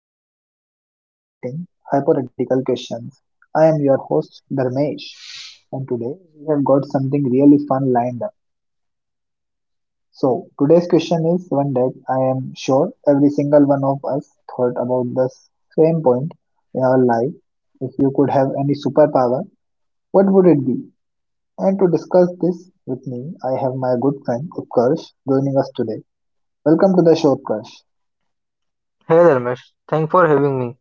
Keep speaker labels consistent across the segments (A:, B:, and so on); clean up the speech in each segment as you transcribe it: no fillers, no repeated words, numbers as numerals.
A: deep dive into fascinating hypothetical questions. I am your host Dharmesh and today we have got something really fun lined up. So today's question is one that I am sure every single one of us thought about the same point in our life. If you could have any superpower, what would it be? And to discuss this with me, I have my good friend Utkarsh joining us today. Welcome to the show, Utkarsh.
B: Hey Dharmesh, thanks for having me.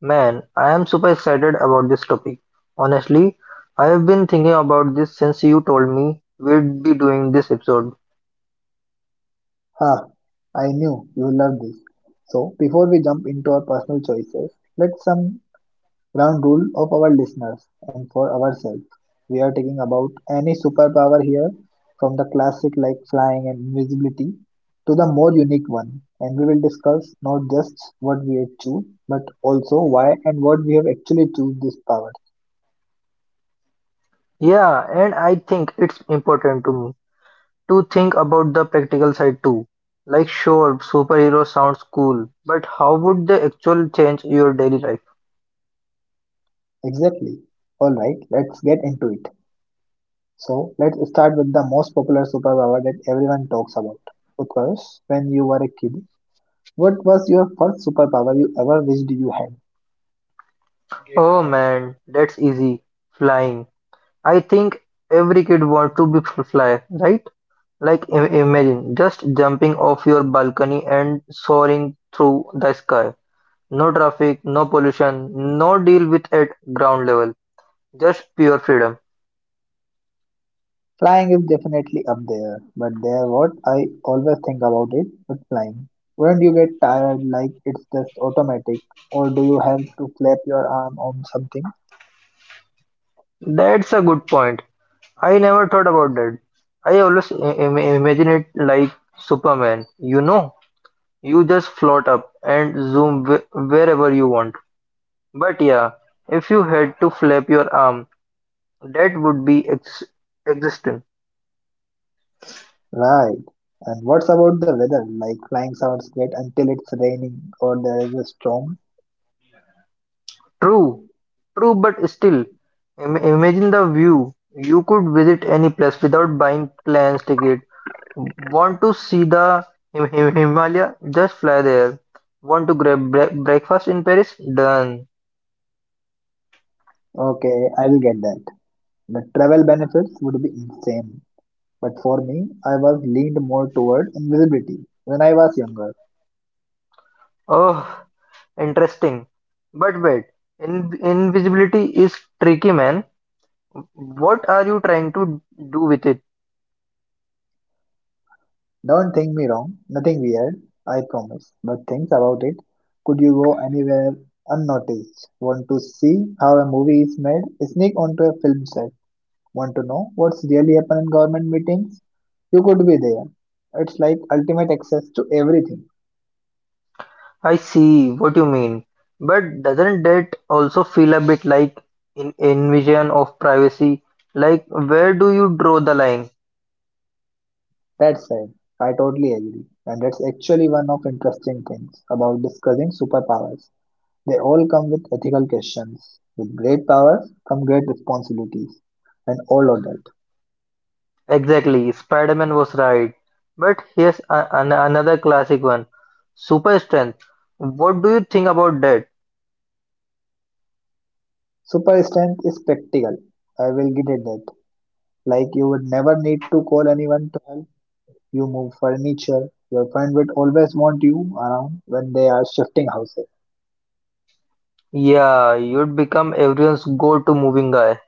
B: Man, I am super excited about this topic. Honestly, I have been thinking about this since you told me we'd be doing this episode.
A: Ha, I knew you love this. So, before we jump into our personal choices, let's some ground rule of our listeners and for ourselves. We are talking about any superpower here, from the classic like flying and invisibility to the more unique one. And we will discuss not just what we have choose, but also why and what we have actually choose this power.
B: Yeah, and I think it's important to me to think about the practical side too. Like, sure, superhero sounds cool, but how would the actual change your daily life?
A: Exactly. All right, let's get into it. So let's start with the most popular superpower that everyone talks about. Because when you were a kid, what was your first superpower you ever wished you had?
B: Oh man, that's easy. Flying. I think every kid wants to be fly, right? Like imagine just jumping off your balcony and soaring through the sky. No traffic, no pollution, no deal with at ground level. Just pure freedom.
A: Flying is definitely up there, but there what I always think about it with flying. Wouldn't you get tired like it's just automatic, or do you have to flap your arm on something?
B: That's a good point. I never thought about that. I always imagine it like Superman. You know, you just float up and zoom wherever you want. But yeah, if you had to flap your arm, that would be existing.
A: Right. And what's about the weather? Like flying sounds great until it's raining or there is a storm.
B: True. True, but still, imagine the view. You could visit any place without buying planes ticket. Want to see the Himalaya? Just fly there. Want to grab breakfast in Paris? Done.
A: Okay, I will get that. The travel benefits would be insane. But for me, I was leaned more toward invisibility when I was younger.
B: Oh, interesting. But wait, in invisibility is tricky, man. What are you trying to do with it?
A: Don't think me wrong, nothing weird, I promise. But things about it. Could you go anywhere unnoticed? Want to see how a movie is made? Sneak onto a film set. Want to know what's really happened in government meetings? You could be there. It's like ultimate access to everything.
B: I see what you mean, but doesn't that also feel a bit like an invasion of privacy? Like, where do you draw the line?
A: That's sad. I totally agree. And that's actually one of interesting things about discussing superpowers. They all come with ethical questions. With great powers come great responsibilities, and all of that.
B: Exactly, Spider Man was right. But here's another classic one. Super Strength. What do you think about that?
A: Super strength is practical. I will get at that. Like you would never need to call anyone to help you move furniture. Your friend would always want you around when they are shifting houses.
B: Yeah, you'd become everyone's go to moving guy.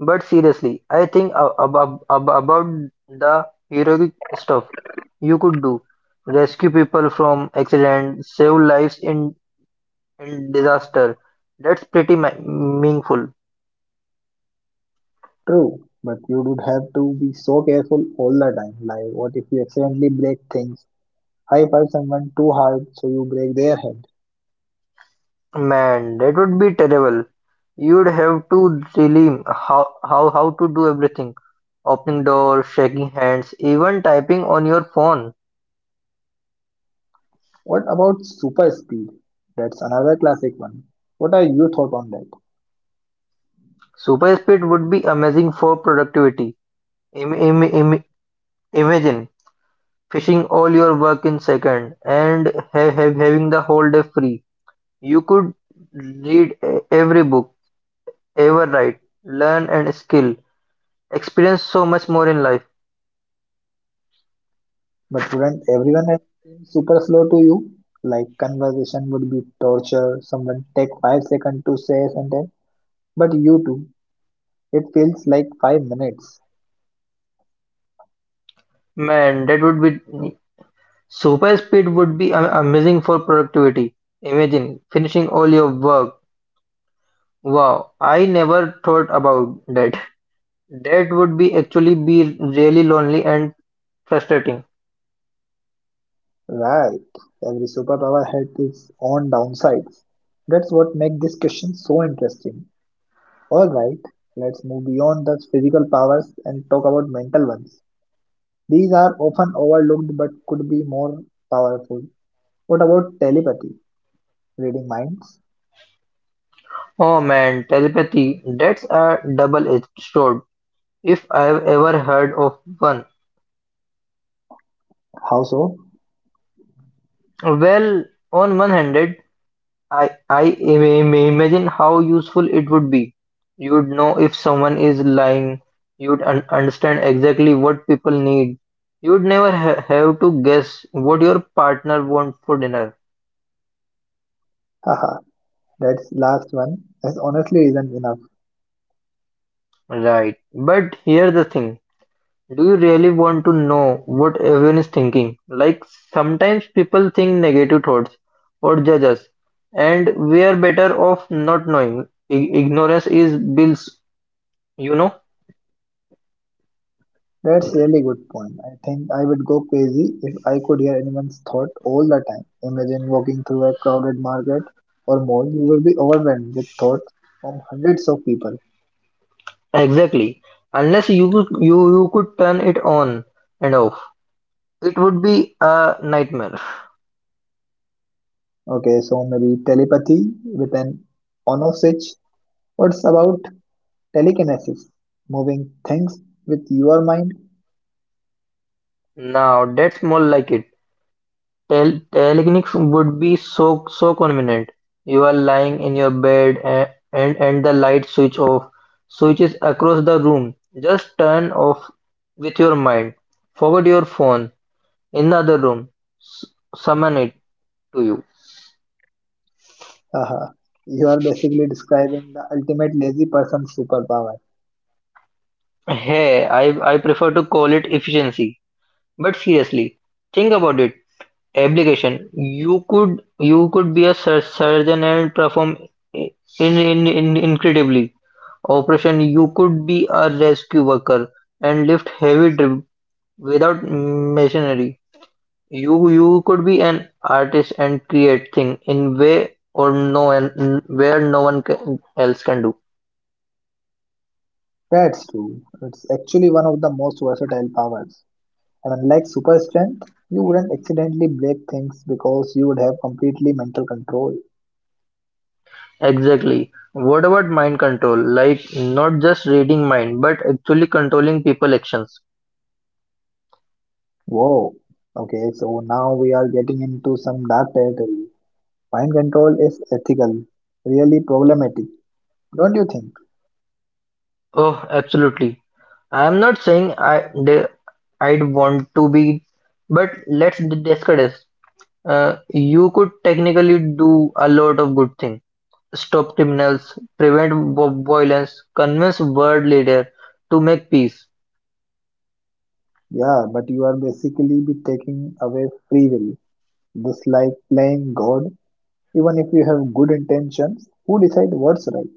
B: But seriously, I think about the heroic stuff you could do rescue people from accident, save lives in and disaster. That's pretty meaningful.
A: True, but you would have to be so careful all the time. Like, what if you accidentally break things? High five someone too hard so you break their head.
B: Man, that would be terrible. You'd have to really how to do everything. Opening doors, shaking hands, even typing on your phone.
A: What about super speed? That's another classic one. What are your thoughts on that?
B: Super speed would be amazing for productivity. Im- im- im- Imagine finishing all your work in second and having the whole day free. You could read every book ever write, learn and skill, experience so much more in life.
A: But wouldn't everyone else seem super slow to you? Like conversation would be torture, someone take 5 seconds to say a sentence, but you do. It feels like 5 minutes.
B: Man, that would be super speed would be amazing for productivity. Imagine finishing all your work. Wow, I never thought about that. That would be actually be really lonely and frustrating.
A: Right. Every superpower had its own downsides. That's what makes this question so interesting. Alright, let's move beyond the physical powers and talk about mental ones. These are often overlooked but could be more powerful. What about telepathy? Reading minds?
B: Oh man, telepathy, that's a double-edged sword, if I've ever heard of one.
A: How so?
B: Well, on one hand, I imagine how useful it would be. You'd know if someone is lying. You'd un understand exactly what people need. You'd never ha have to guess what your partner wants for dinner.
A: Haha, that's last one. That's honestly isn't enough.
B: Right. But here's the thing. Do you really want to know what everyone is thinking? Like sometimes people think negative thoughts or judge us, and we are better off not knowing. I Ignorance is bliss, you know?
A: That's really good point. I think I would go crazy if I could hear anyone's thought all the time. Imagine walking through a crowded market or mall, you will be overwhelmed with thoughts from hundreds of people.
B: Exactly. Unless you could turn it on and off, it would be a nightmare.
A: Okay, so maybe telepathy with an onosich. What's about telekinesis? Moving things with your mind.
B: Now that's more like it. Telekinetics would be so convenient. You are lying in your bed and the light switches across the room. Just turn off with your mind. Forget your phone in the other room. S Summon it to you.
A: Uh huh, you are basically describing the ultimate lazy person's superpower.
B: Hey, I prefer to call it efficiency. But seriously, think about it. Application. You could be a surgeon and perform in, in incredibly operation. You could be a rescue worker and lift heavy drip without machinery. You could be an artist and create thing in way or no and where no one can, else can do.
A: That's true. It's actually one of the most versatile powers. And unlike super strength, you wouldn't accidentally break things because you would have completely mental control.
B: Exactly. What about mind control? Like not just reading mind, but actually controlling people actions.
A: Whoa. Okay, so now we are getting into some dark territory. Mind control is ethical, really problematic, don't you think?
B: Oh, absolutely. I'm not saying I'd want to be, but let's discuss. You could technically do a lot of good things. Stop criminals, prevent violence, convince world leader to make peace.
A: Yeah, but you are basically be taking away free will. Just like playing God. Even if you have good intentions, who decide what's right?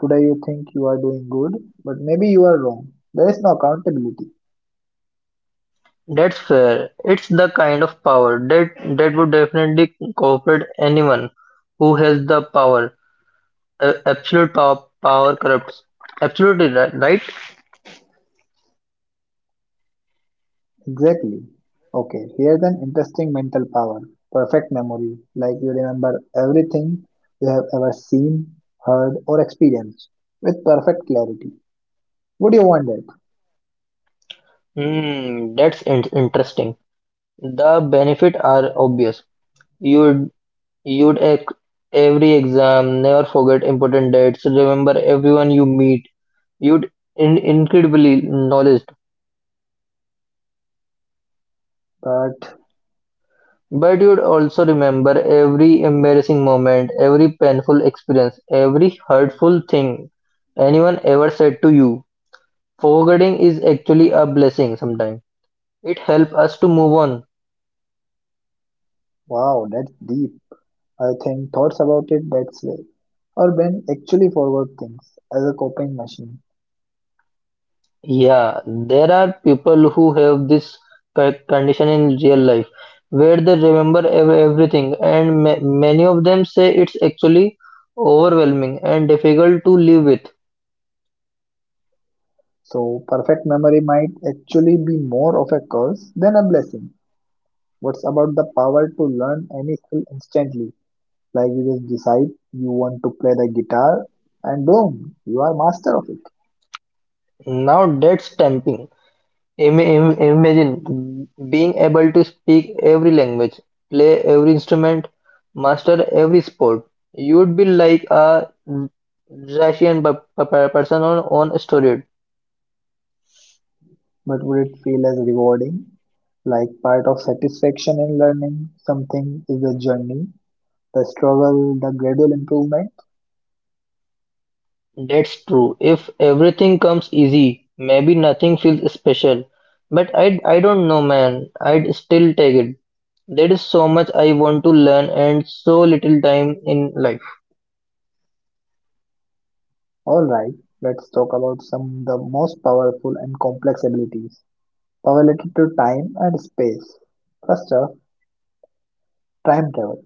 A: Today you think you are doing good, but maybe you are wrong. There is no accountability.
B: That's fair. It's the kind of power that would definitely cooperate anyone who has the power. Absolute power corrupts. Absolutely right.
A: Exactly. Okay, here's an interesting mental power. Perfect memory, like you remember everything you have ever seen, heard, or experienced with perfect clarity. Would you want that?
B: Hmm, that's interesting. The benefits are obvious. You'd you'd ace every exam, never forget important dates, remember everyone you meet. You'd in incredibly knowledge,
A: But
B: but you'd also remember every embarrassing moment, every painful experience, every hurtful thing anyone ever said to you. Forgetting is actually a blessing sometimes. It helps us to move on.
A: wow, that's deep. I think thoughts about it that way. Or when actually forward things as a coping machine.
B: Yeah, there are people who have this condition in real life where they remember everything, and many of them say it's actually overwhelming and difficult to live with.
A: So, perfect memory might actually be more of a curse than a blessing. What's about the power to learn any skill instantly? Like you just decide you want to play the guitar and boom, you are master of it.
B: Now that's tempting. Imagine being able to speak every language, play every instrument, master every sport. You'd be like a Russian person on steroid.
A: But would it feel as rewarding? Like part of satisfaction in learning something is the journey, the struggle, the gradual improvement.
B: That's true. If everything comes easy, maybe nothing feels special. But I don't know, man. I'd still take it. There is so much I want to learn and so little time in life.
A: Alright, let's talk about some of the most powerful and complex abilities. Power related to time and space. First up, time travel.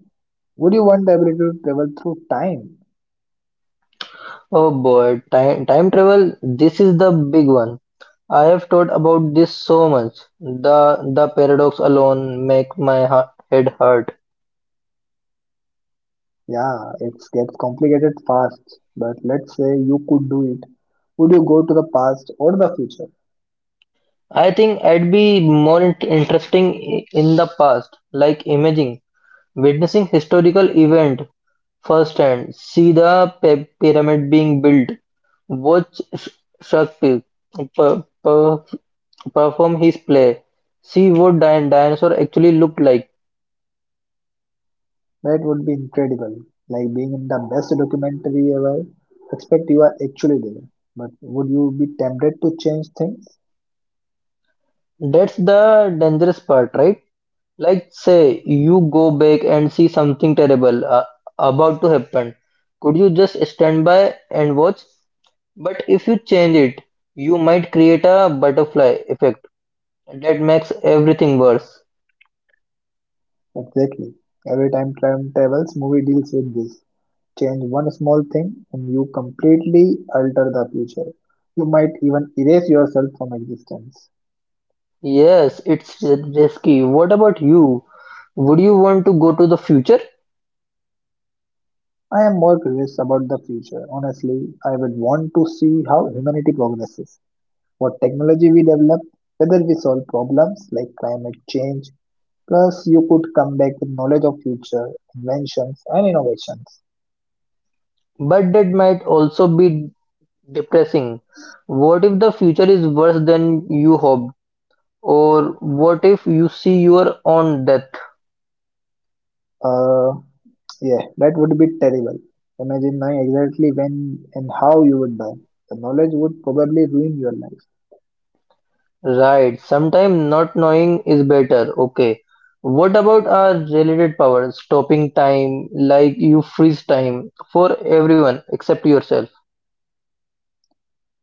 A: Would you want the ability to travel through time?
B: Oh boy, time travel, this is the big one. I have thought about this so much. The paradox alone make my head hurt.
A: Yeah, it gets complicated fast, but let's say you could do it. Would you go to the past or the future?
B: I think I'd be more interesting in the past, like imaging, witnessing historical event firsthand, see the pyramid being built, watch Shakespeare perform his play, see what dinosaur actually looked like.
A: That would be incredible. Like being in the best documentary ever. Expect you are actually there. But would you be tempted to change things?
B: That's the dangerous part, right? Like, say you go back and see something terrible about to happen. Could you just stand by and watch? But if you change it, you might create a butterfly effect that makes everything worse.
A: Exactly. Every time travels movie deals with this. Change one small thing and you completely alter the future. You might even erase yourself from existence.
B: Yes, it's risky. What about you? Would you want to go to the future?
A: I am more curious about the future. Honestly, I would want to see how humanity progresses, what technology we develop, whether we solve problems like climate change. Plus, you could come back with knowledge of future inventions and innovations.
B: But that might also be depressing. What if the future is worse than you hoped? Or what if you see your own death?
A: Uh, yeah, that would be terrible. Imagine knowing exactly when and how you would die. The knowledge would probably ruin your life.
B: Right, sometimes not knowing is better. Okay. What about our related power? Stopping time, like you freeze time for everyone except yourself.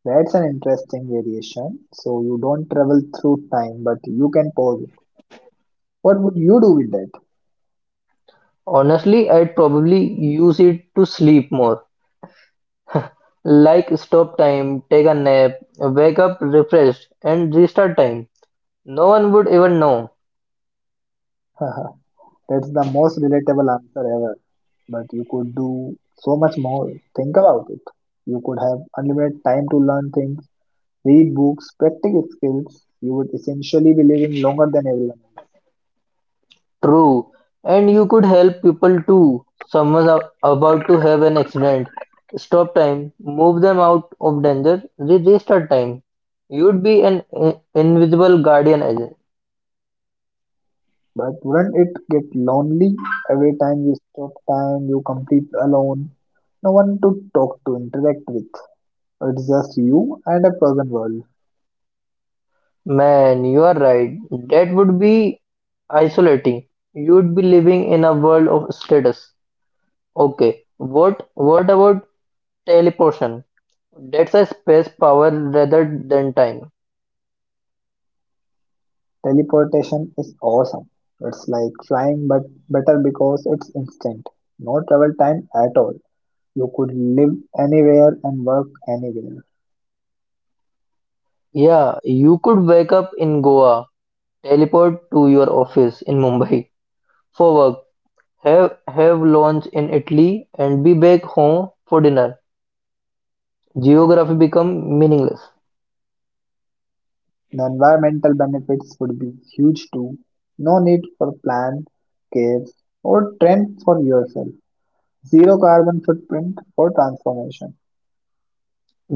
A: That's an interesting variation. So you don't travel through time, but you can pause it. What would you do with that?
B: Honestly, I'd probably use it to sleep more. Like stop time, take a nap, wake up refreshed, and restart time. No one would even know.
A: That's the most relatable answer ever. But you could do so much more. Think about it. You could have unlimited time to learn things, read books, practice skills. You would essentially be living longer than everyone else.
B: True. And you could help people too. Someone's about to have an accident. Stop time, move them out of danger, restart time. You'd be an invisible guardian agent.
A: But wouldn't it get lonely every time you stop time, you complete alone? No one to talk to, interact with. It's just you and a frozen world.
B: Man, you are right. That would be isolating. You'd be living in a world of status. Okay. What about teleportation? That's a space power rather than time.
A: Teleportation is awesome. It's like flying but better because it's instant. No travel time at all. You could live anywhere and work anywhere.
B: Yeah, you could wake up in Goa, teleport to your office in Mumbai for work, have lunch in Italy, and be back home for dinner. Geography become meaningless.
A: The environmental benefits would be huge too. No need for plan, caves, or trend for yourself. Zero carbon footprint for transformation.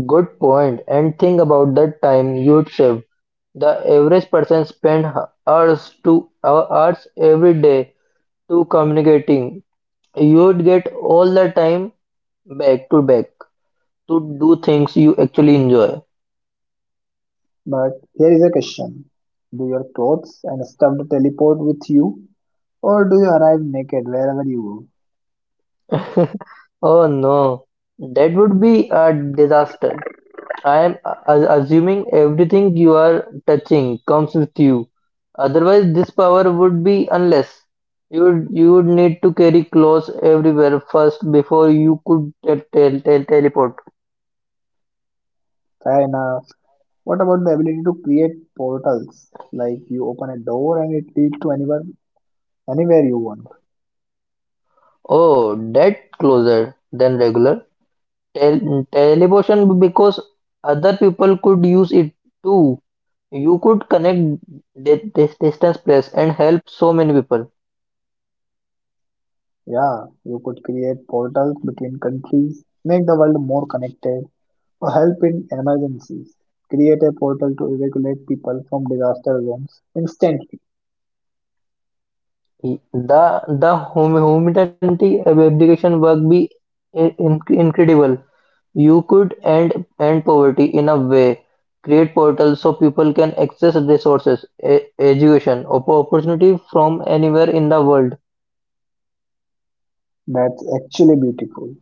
B: Good point. And think about the time you'd save. The average person spend hours every day to communicating. You'd get all the time back to do things you actually enjoy.
A: But here is a question. Do your clothes and stuff teleport with you? Or do you arrive naked wherever you go?
B: Oh no, that would be a disaster. I am assuming everything you are touching comes with you. Otherwise, this power would be unless you would need to carry clothes everywhere first before you could teleport.
A: Fair enough. What about the ability to create portals? Like you open a door and it leads to anywhere you want.
B: Oh, that closer than regular teleportation because other people could use it too. You could connect distance place and help so many people.
A: Yeah, you could create portals between countries, make the world more connected, or help in emergencies. Create a portal to evacuate people from disaster zones instantly.
B: The the humanity abdication work be incredible. You could end poverty in a way, create portals so people can access resources, e- education, opportunity from anywhere in the world.
A: That's actually beautiful.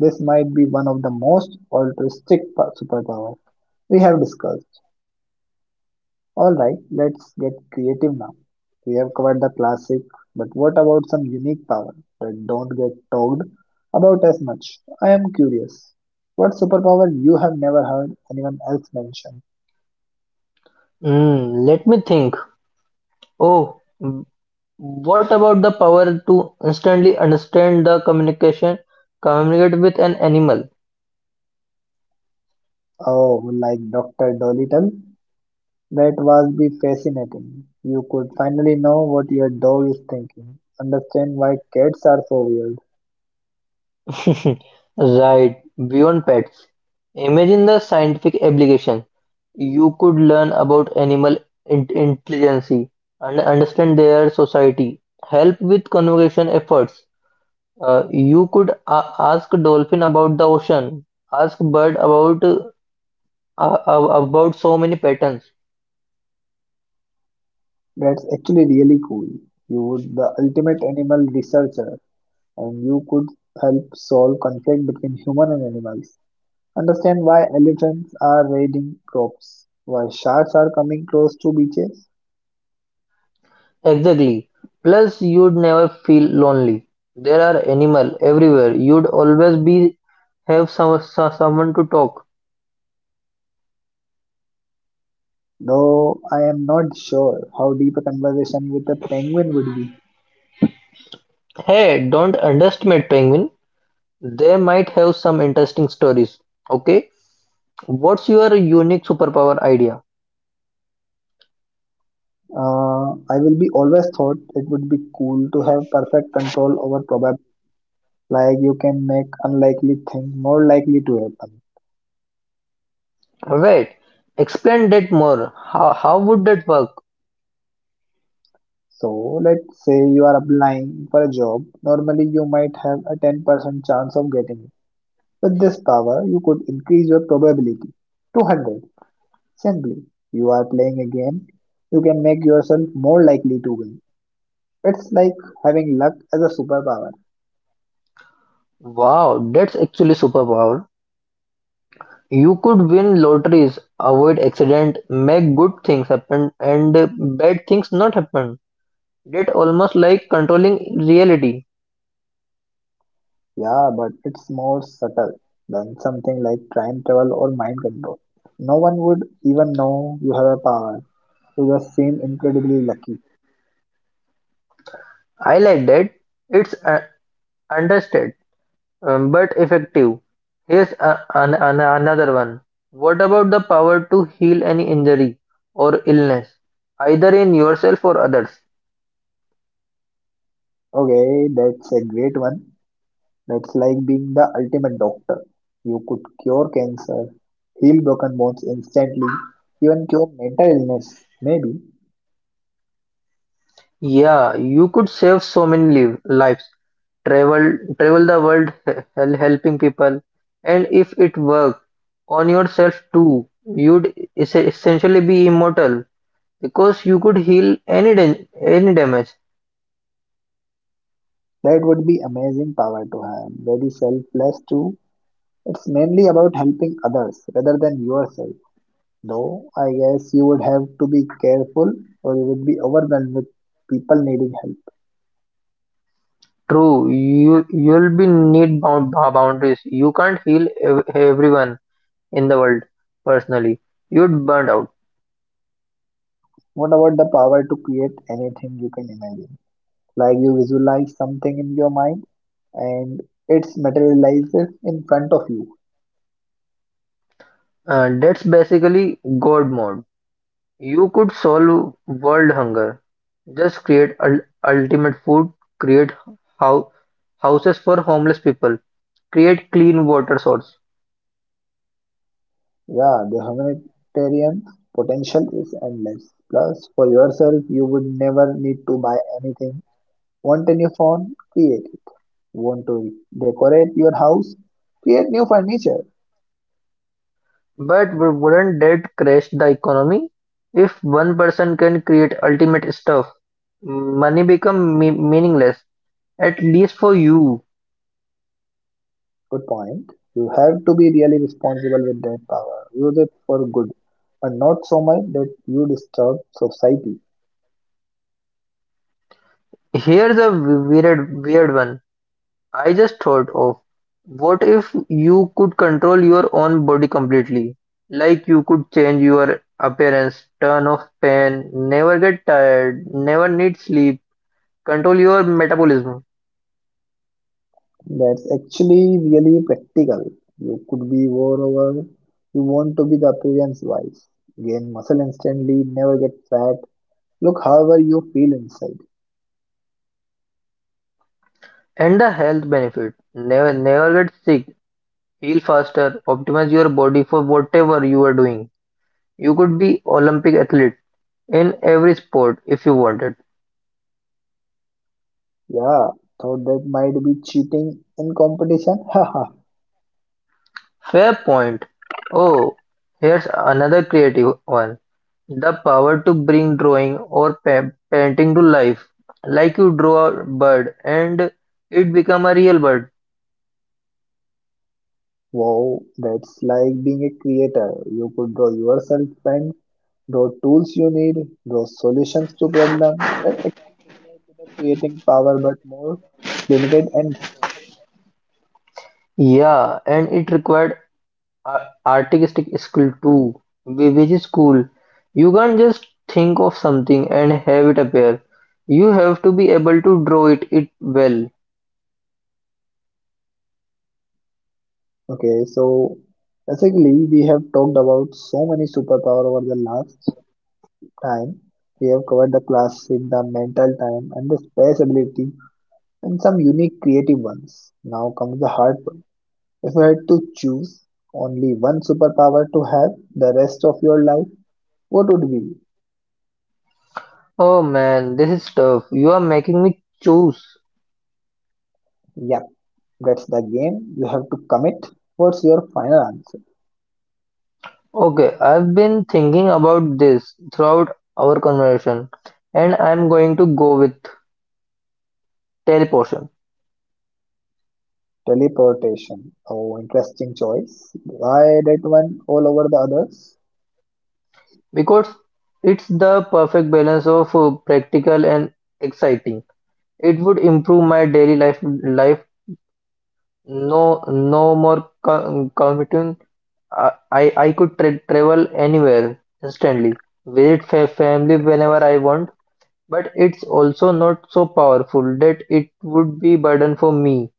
A: This might be one of the most altruistic superpowers we have discussed. All right, let's get creative now. We have covered the classic, but what about some unique power that don't get talked about as much? I am curious. What superpower you have never heard anyone else mention?
B: Hmm, let me think. Oh, what about the power to instantly communicate with an animal?
A: Oh, like Dr. Dolittle? That was be fascinating. You could finally know what your dog is thinking, understand why cats are so weird.
B: Right, beyond pets. Imagine the scientific application. You could learn about animal intelligence and understand their society. Help with conservation efforts. You could ask dolphin about the ocean. Ask bird about about so many patterns.
A: That's actually really cool. You would the ultimate animal researcher. And you could help solve conflict between human and animals. Understand why elephants are raiding crops, why sharks are coming close to beaches.
B: Exactly. Plus, you'd never feel lonely. There are animal everywhere. You'd always be have some, so- someone to talk.
A: Though I am not sure how deep a conversation with a penguin would be.
B: Hey, don't underestimate penguin. They might have some interesting stories. Okay. What's your unique superpower idea?
A: I will be always thought it would be cool to have perfect control over probability. Like you can make unlikely thing more likely to happen.
B: Wait, explain that more. How would that work?
A: So let's say you are applying for a job. Normally you might have a 10% chance of getting it. With this power, you could increase your probability to 100. Simply, you are playing a game, you can make yourself more likely to win. It's like having luck as a superpower.
B: Wow, that's actually superpower. You could win lotteries, avoid accident, make good things happen, and bad things not happen. That almost like controlling reality.
A: Yeah, but it's more subtle than something like time travel or mind control. No one would even know you have a power. You just seem incredibly lucky.
B: I like that. It's understated. But effective. Here's another one. What about the power to heal any injury or illness, either in yourself or others?
A: Okay, that's a great one. That's like being the ultimate doctor. You could cure cancer, heal broken bones instantly, even cure mental illness, maybe.
B: Yeah, you could save so many liv- lives. Travel, travel the world, he- hel- helping people, and if it worked on yourself too, you'd es- essentially be immortal because you could heal any dam- any damage.
A: That would be amazing power to have. Very selfless too. It's mainly about helping others rather than yourself. Though I guess you would have to be careful or you would be overwhelmed with people needing help.
B: True, you you'll be need bound ba- boundaries. You can't heal ev- everyone in the world personally. You'd burn out.
A: What about the power to create anything you can imagine? Like you visualize something in your mind and it materializes in front of you.
B: That's basically God mode. You could solve world hunger. Just create ul- ultimate food. Create how houses for homeless people. Create clean water source.
A: Yeah, the humanitarian potential is endless. Plus, for yourself, you would never need to buy anything. Want a new phone? Create it. Want to decorate your house? Create new furniture.
B: But w- wouldn't that crash the economy? If one person can create ultimate stuff, money become me- meaningless At least for you.
A: Good point. You have to be really responsible with that power. Use it for good, and not so much that you disturb society.
B: Here's a weird, weird one. I just thought of. What if you could control your own body completely? Like you could change your appearance, turn off pain, never get tired, never need sleep, control your metabolism,
A: That's actually really practical. You could be moreover, you want to be the appearance wise, gain muscle instantly, never get fat, look however you feel inside.
B: and the health benefit. Never get sick, heal faster, optimize your body for whatever you are doing. You could be Olympic athlete in every sport if you wanted.
A: Yeah, thought that might be cheating in competition. Haha.
B: Fair point. Oh, here's another creative one. The power to bring drawing or painting to life. Like you draw a bird and it become a real bird.
A: Wow, that's like being a creator. You could draw yourself and draw tools you need, draw solutions to problem. That's actually similar to the creating power but more limited and
B: Yeah, and it required artistic skill too, which is cool. You can't just think of something and have it appear. You have to be able to draw it well.
A: okay, so basically we have talked about so many superpower over the last time. We have covered the classic, the mental time and the space ability and some unique creative ones. Now comes the hard part. If you had to choose only one superpower to have the rest of your life, what would be?
B: Oh man, this is tough. You are making me choose.
A: Yep, that's the game. You have to commit. What's your final answer?
B: Okay, I've been thinking about this throughout our conversation, and I'm going to go with teleportation
A: Teleportation. Oh, interesting choice. Why that one all over the others?
B: because it's the perfect balance of practical and exciting. It would improve my daily life. No, no more commuting. I could travel anywhere instantly, visit family whenever I want. But it's also not so powerful that it would be burden for me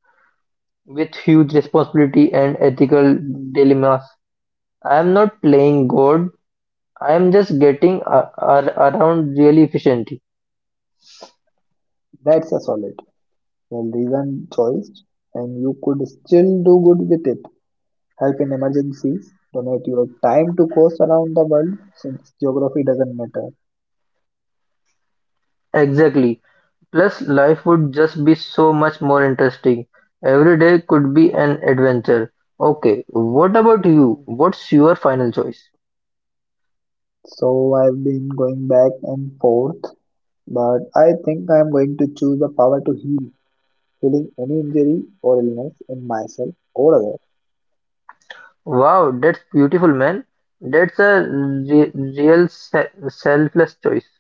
B: with huge responsibility and ethical dilemmas. I am not playing God, I am just getting around really efficiently.
A: That's a solid, well reasoned choice, and you could still do good with it. Help in emergencies. Donate your time to cause around the world since geography doesn't matter.
B: Exactly. Plus, life would just be so much more interesting. Every day could be an adventure. Okay, what about you? What's your final choice?
A: So I've been going back and forth, but I think I'm going to choose the power to heal, healing any injury or illness in myself or others.
B: Wow, that's beautiful, man. That's a re- real selfless choice.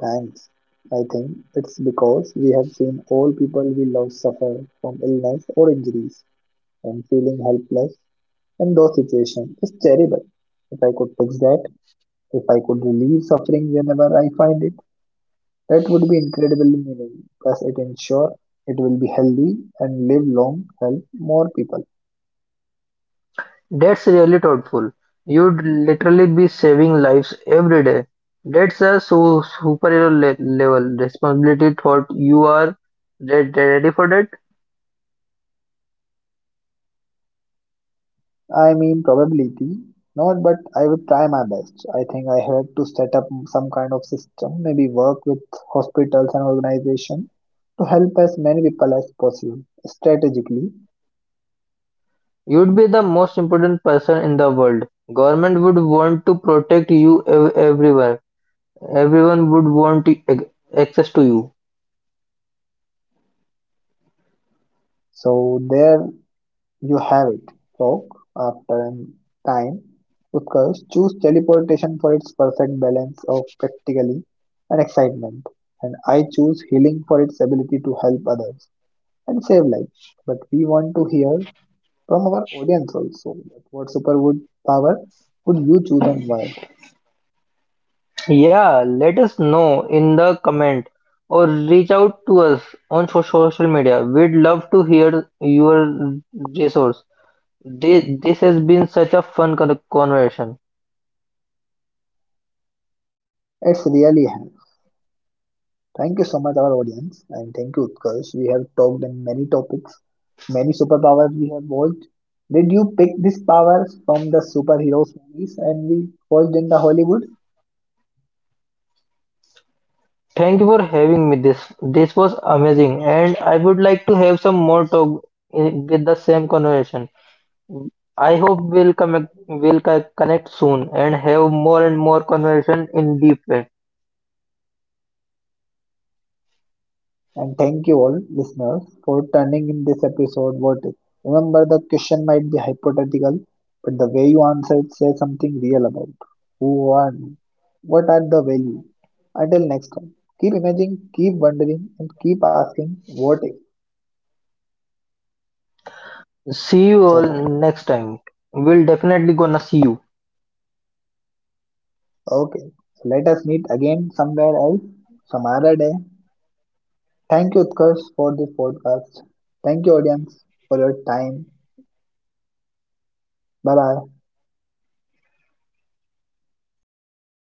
A: Thanks. I think it's because we have seen all people we love suffer from illness or injuries, and feeling helpless in those situations is terrible. If I could fix that, if I could relieve suffering whenever I find it, that would be incredibly meaningful. Plus, it ensures it will be healthy and live long, help more people.
B: That's really thoughtful. You'd literally be saving lives every day. That's a superhero level responsibility thought. You are ready for that?
A: I mean, probability, not, but I would try my best. I think I had to set up some kind of system, maybe work with hospitals and organization to help as many people as possible strategically.
B: You'd be the most important person in the world. Government would want to protect you everywhere. Everyone would want to access to you.
A: So there you have it, folk. After an time, Utkarsh choose teleportation for its perfect balance of practically and excitement, and I choose healing for its ability to help others and save life. But we want to hear from our audience also that what superpower would you choose and why.
B: Yeah, let us know in the comment or reach out to us on social media. We'd love to hear your resource. This has been such a fun conversation.
A: It's really have thank you so much our audience and thank you utkarsh we have talked on many topics many superpowers we have watched did you pick this power from the superheroes movies and we watched in the hollywood.
B: Thank you for having me. This was amazing, and I would like to have some more talk with the same conversation. I hope we'll connect we'll co- connect soon and have more and more conversation in deep way.
A: And thank you all, listeners, for turning in this episode. What if? Remember, the question might be hypothetical, but the way you answer it says something real about who are you, what are the value. Until next time, keep imagining, keep wondering, and keep asking what if.
B: See you
A: So,
B: all next time. We'll definitely gonna see you.
A: okay, so let us meet again somewhere else, some other day. Thank you, Utkarsh, for this podcast. Thank you, audience, for your time. Bye bye.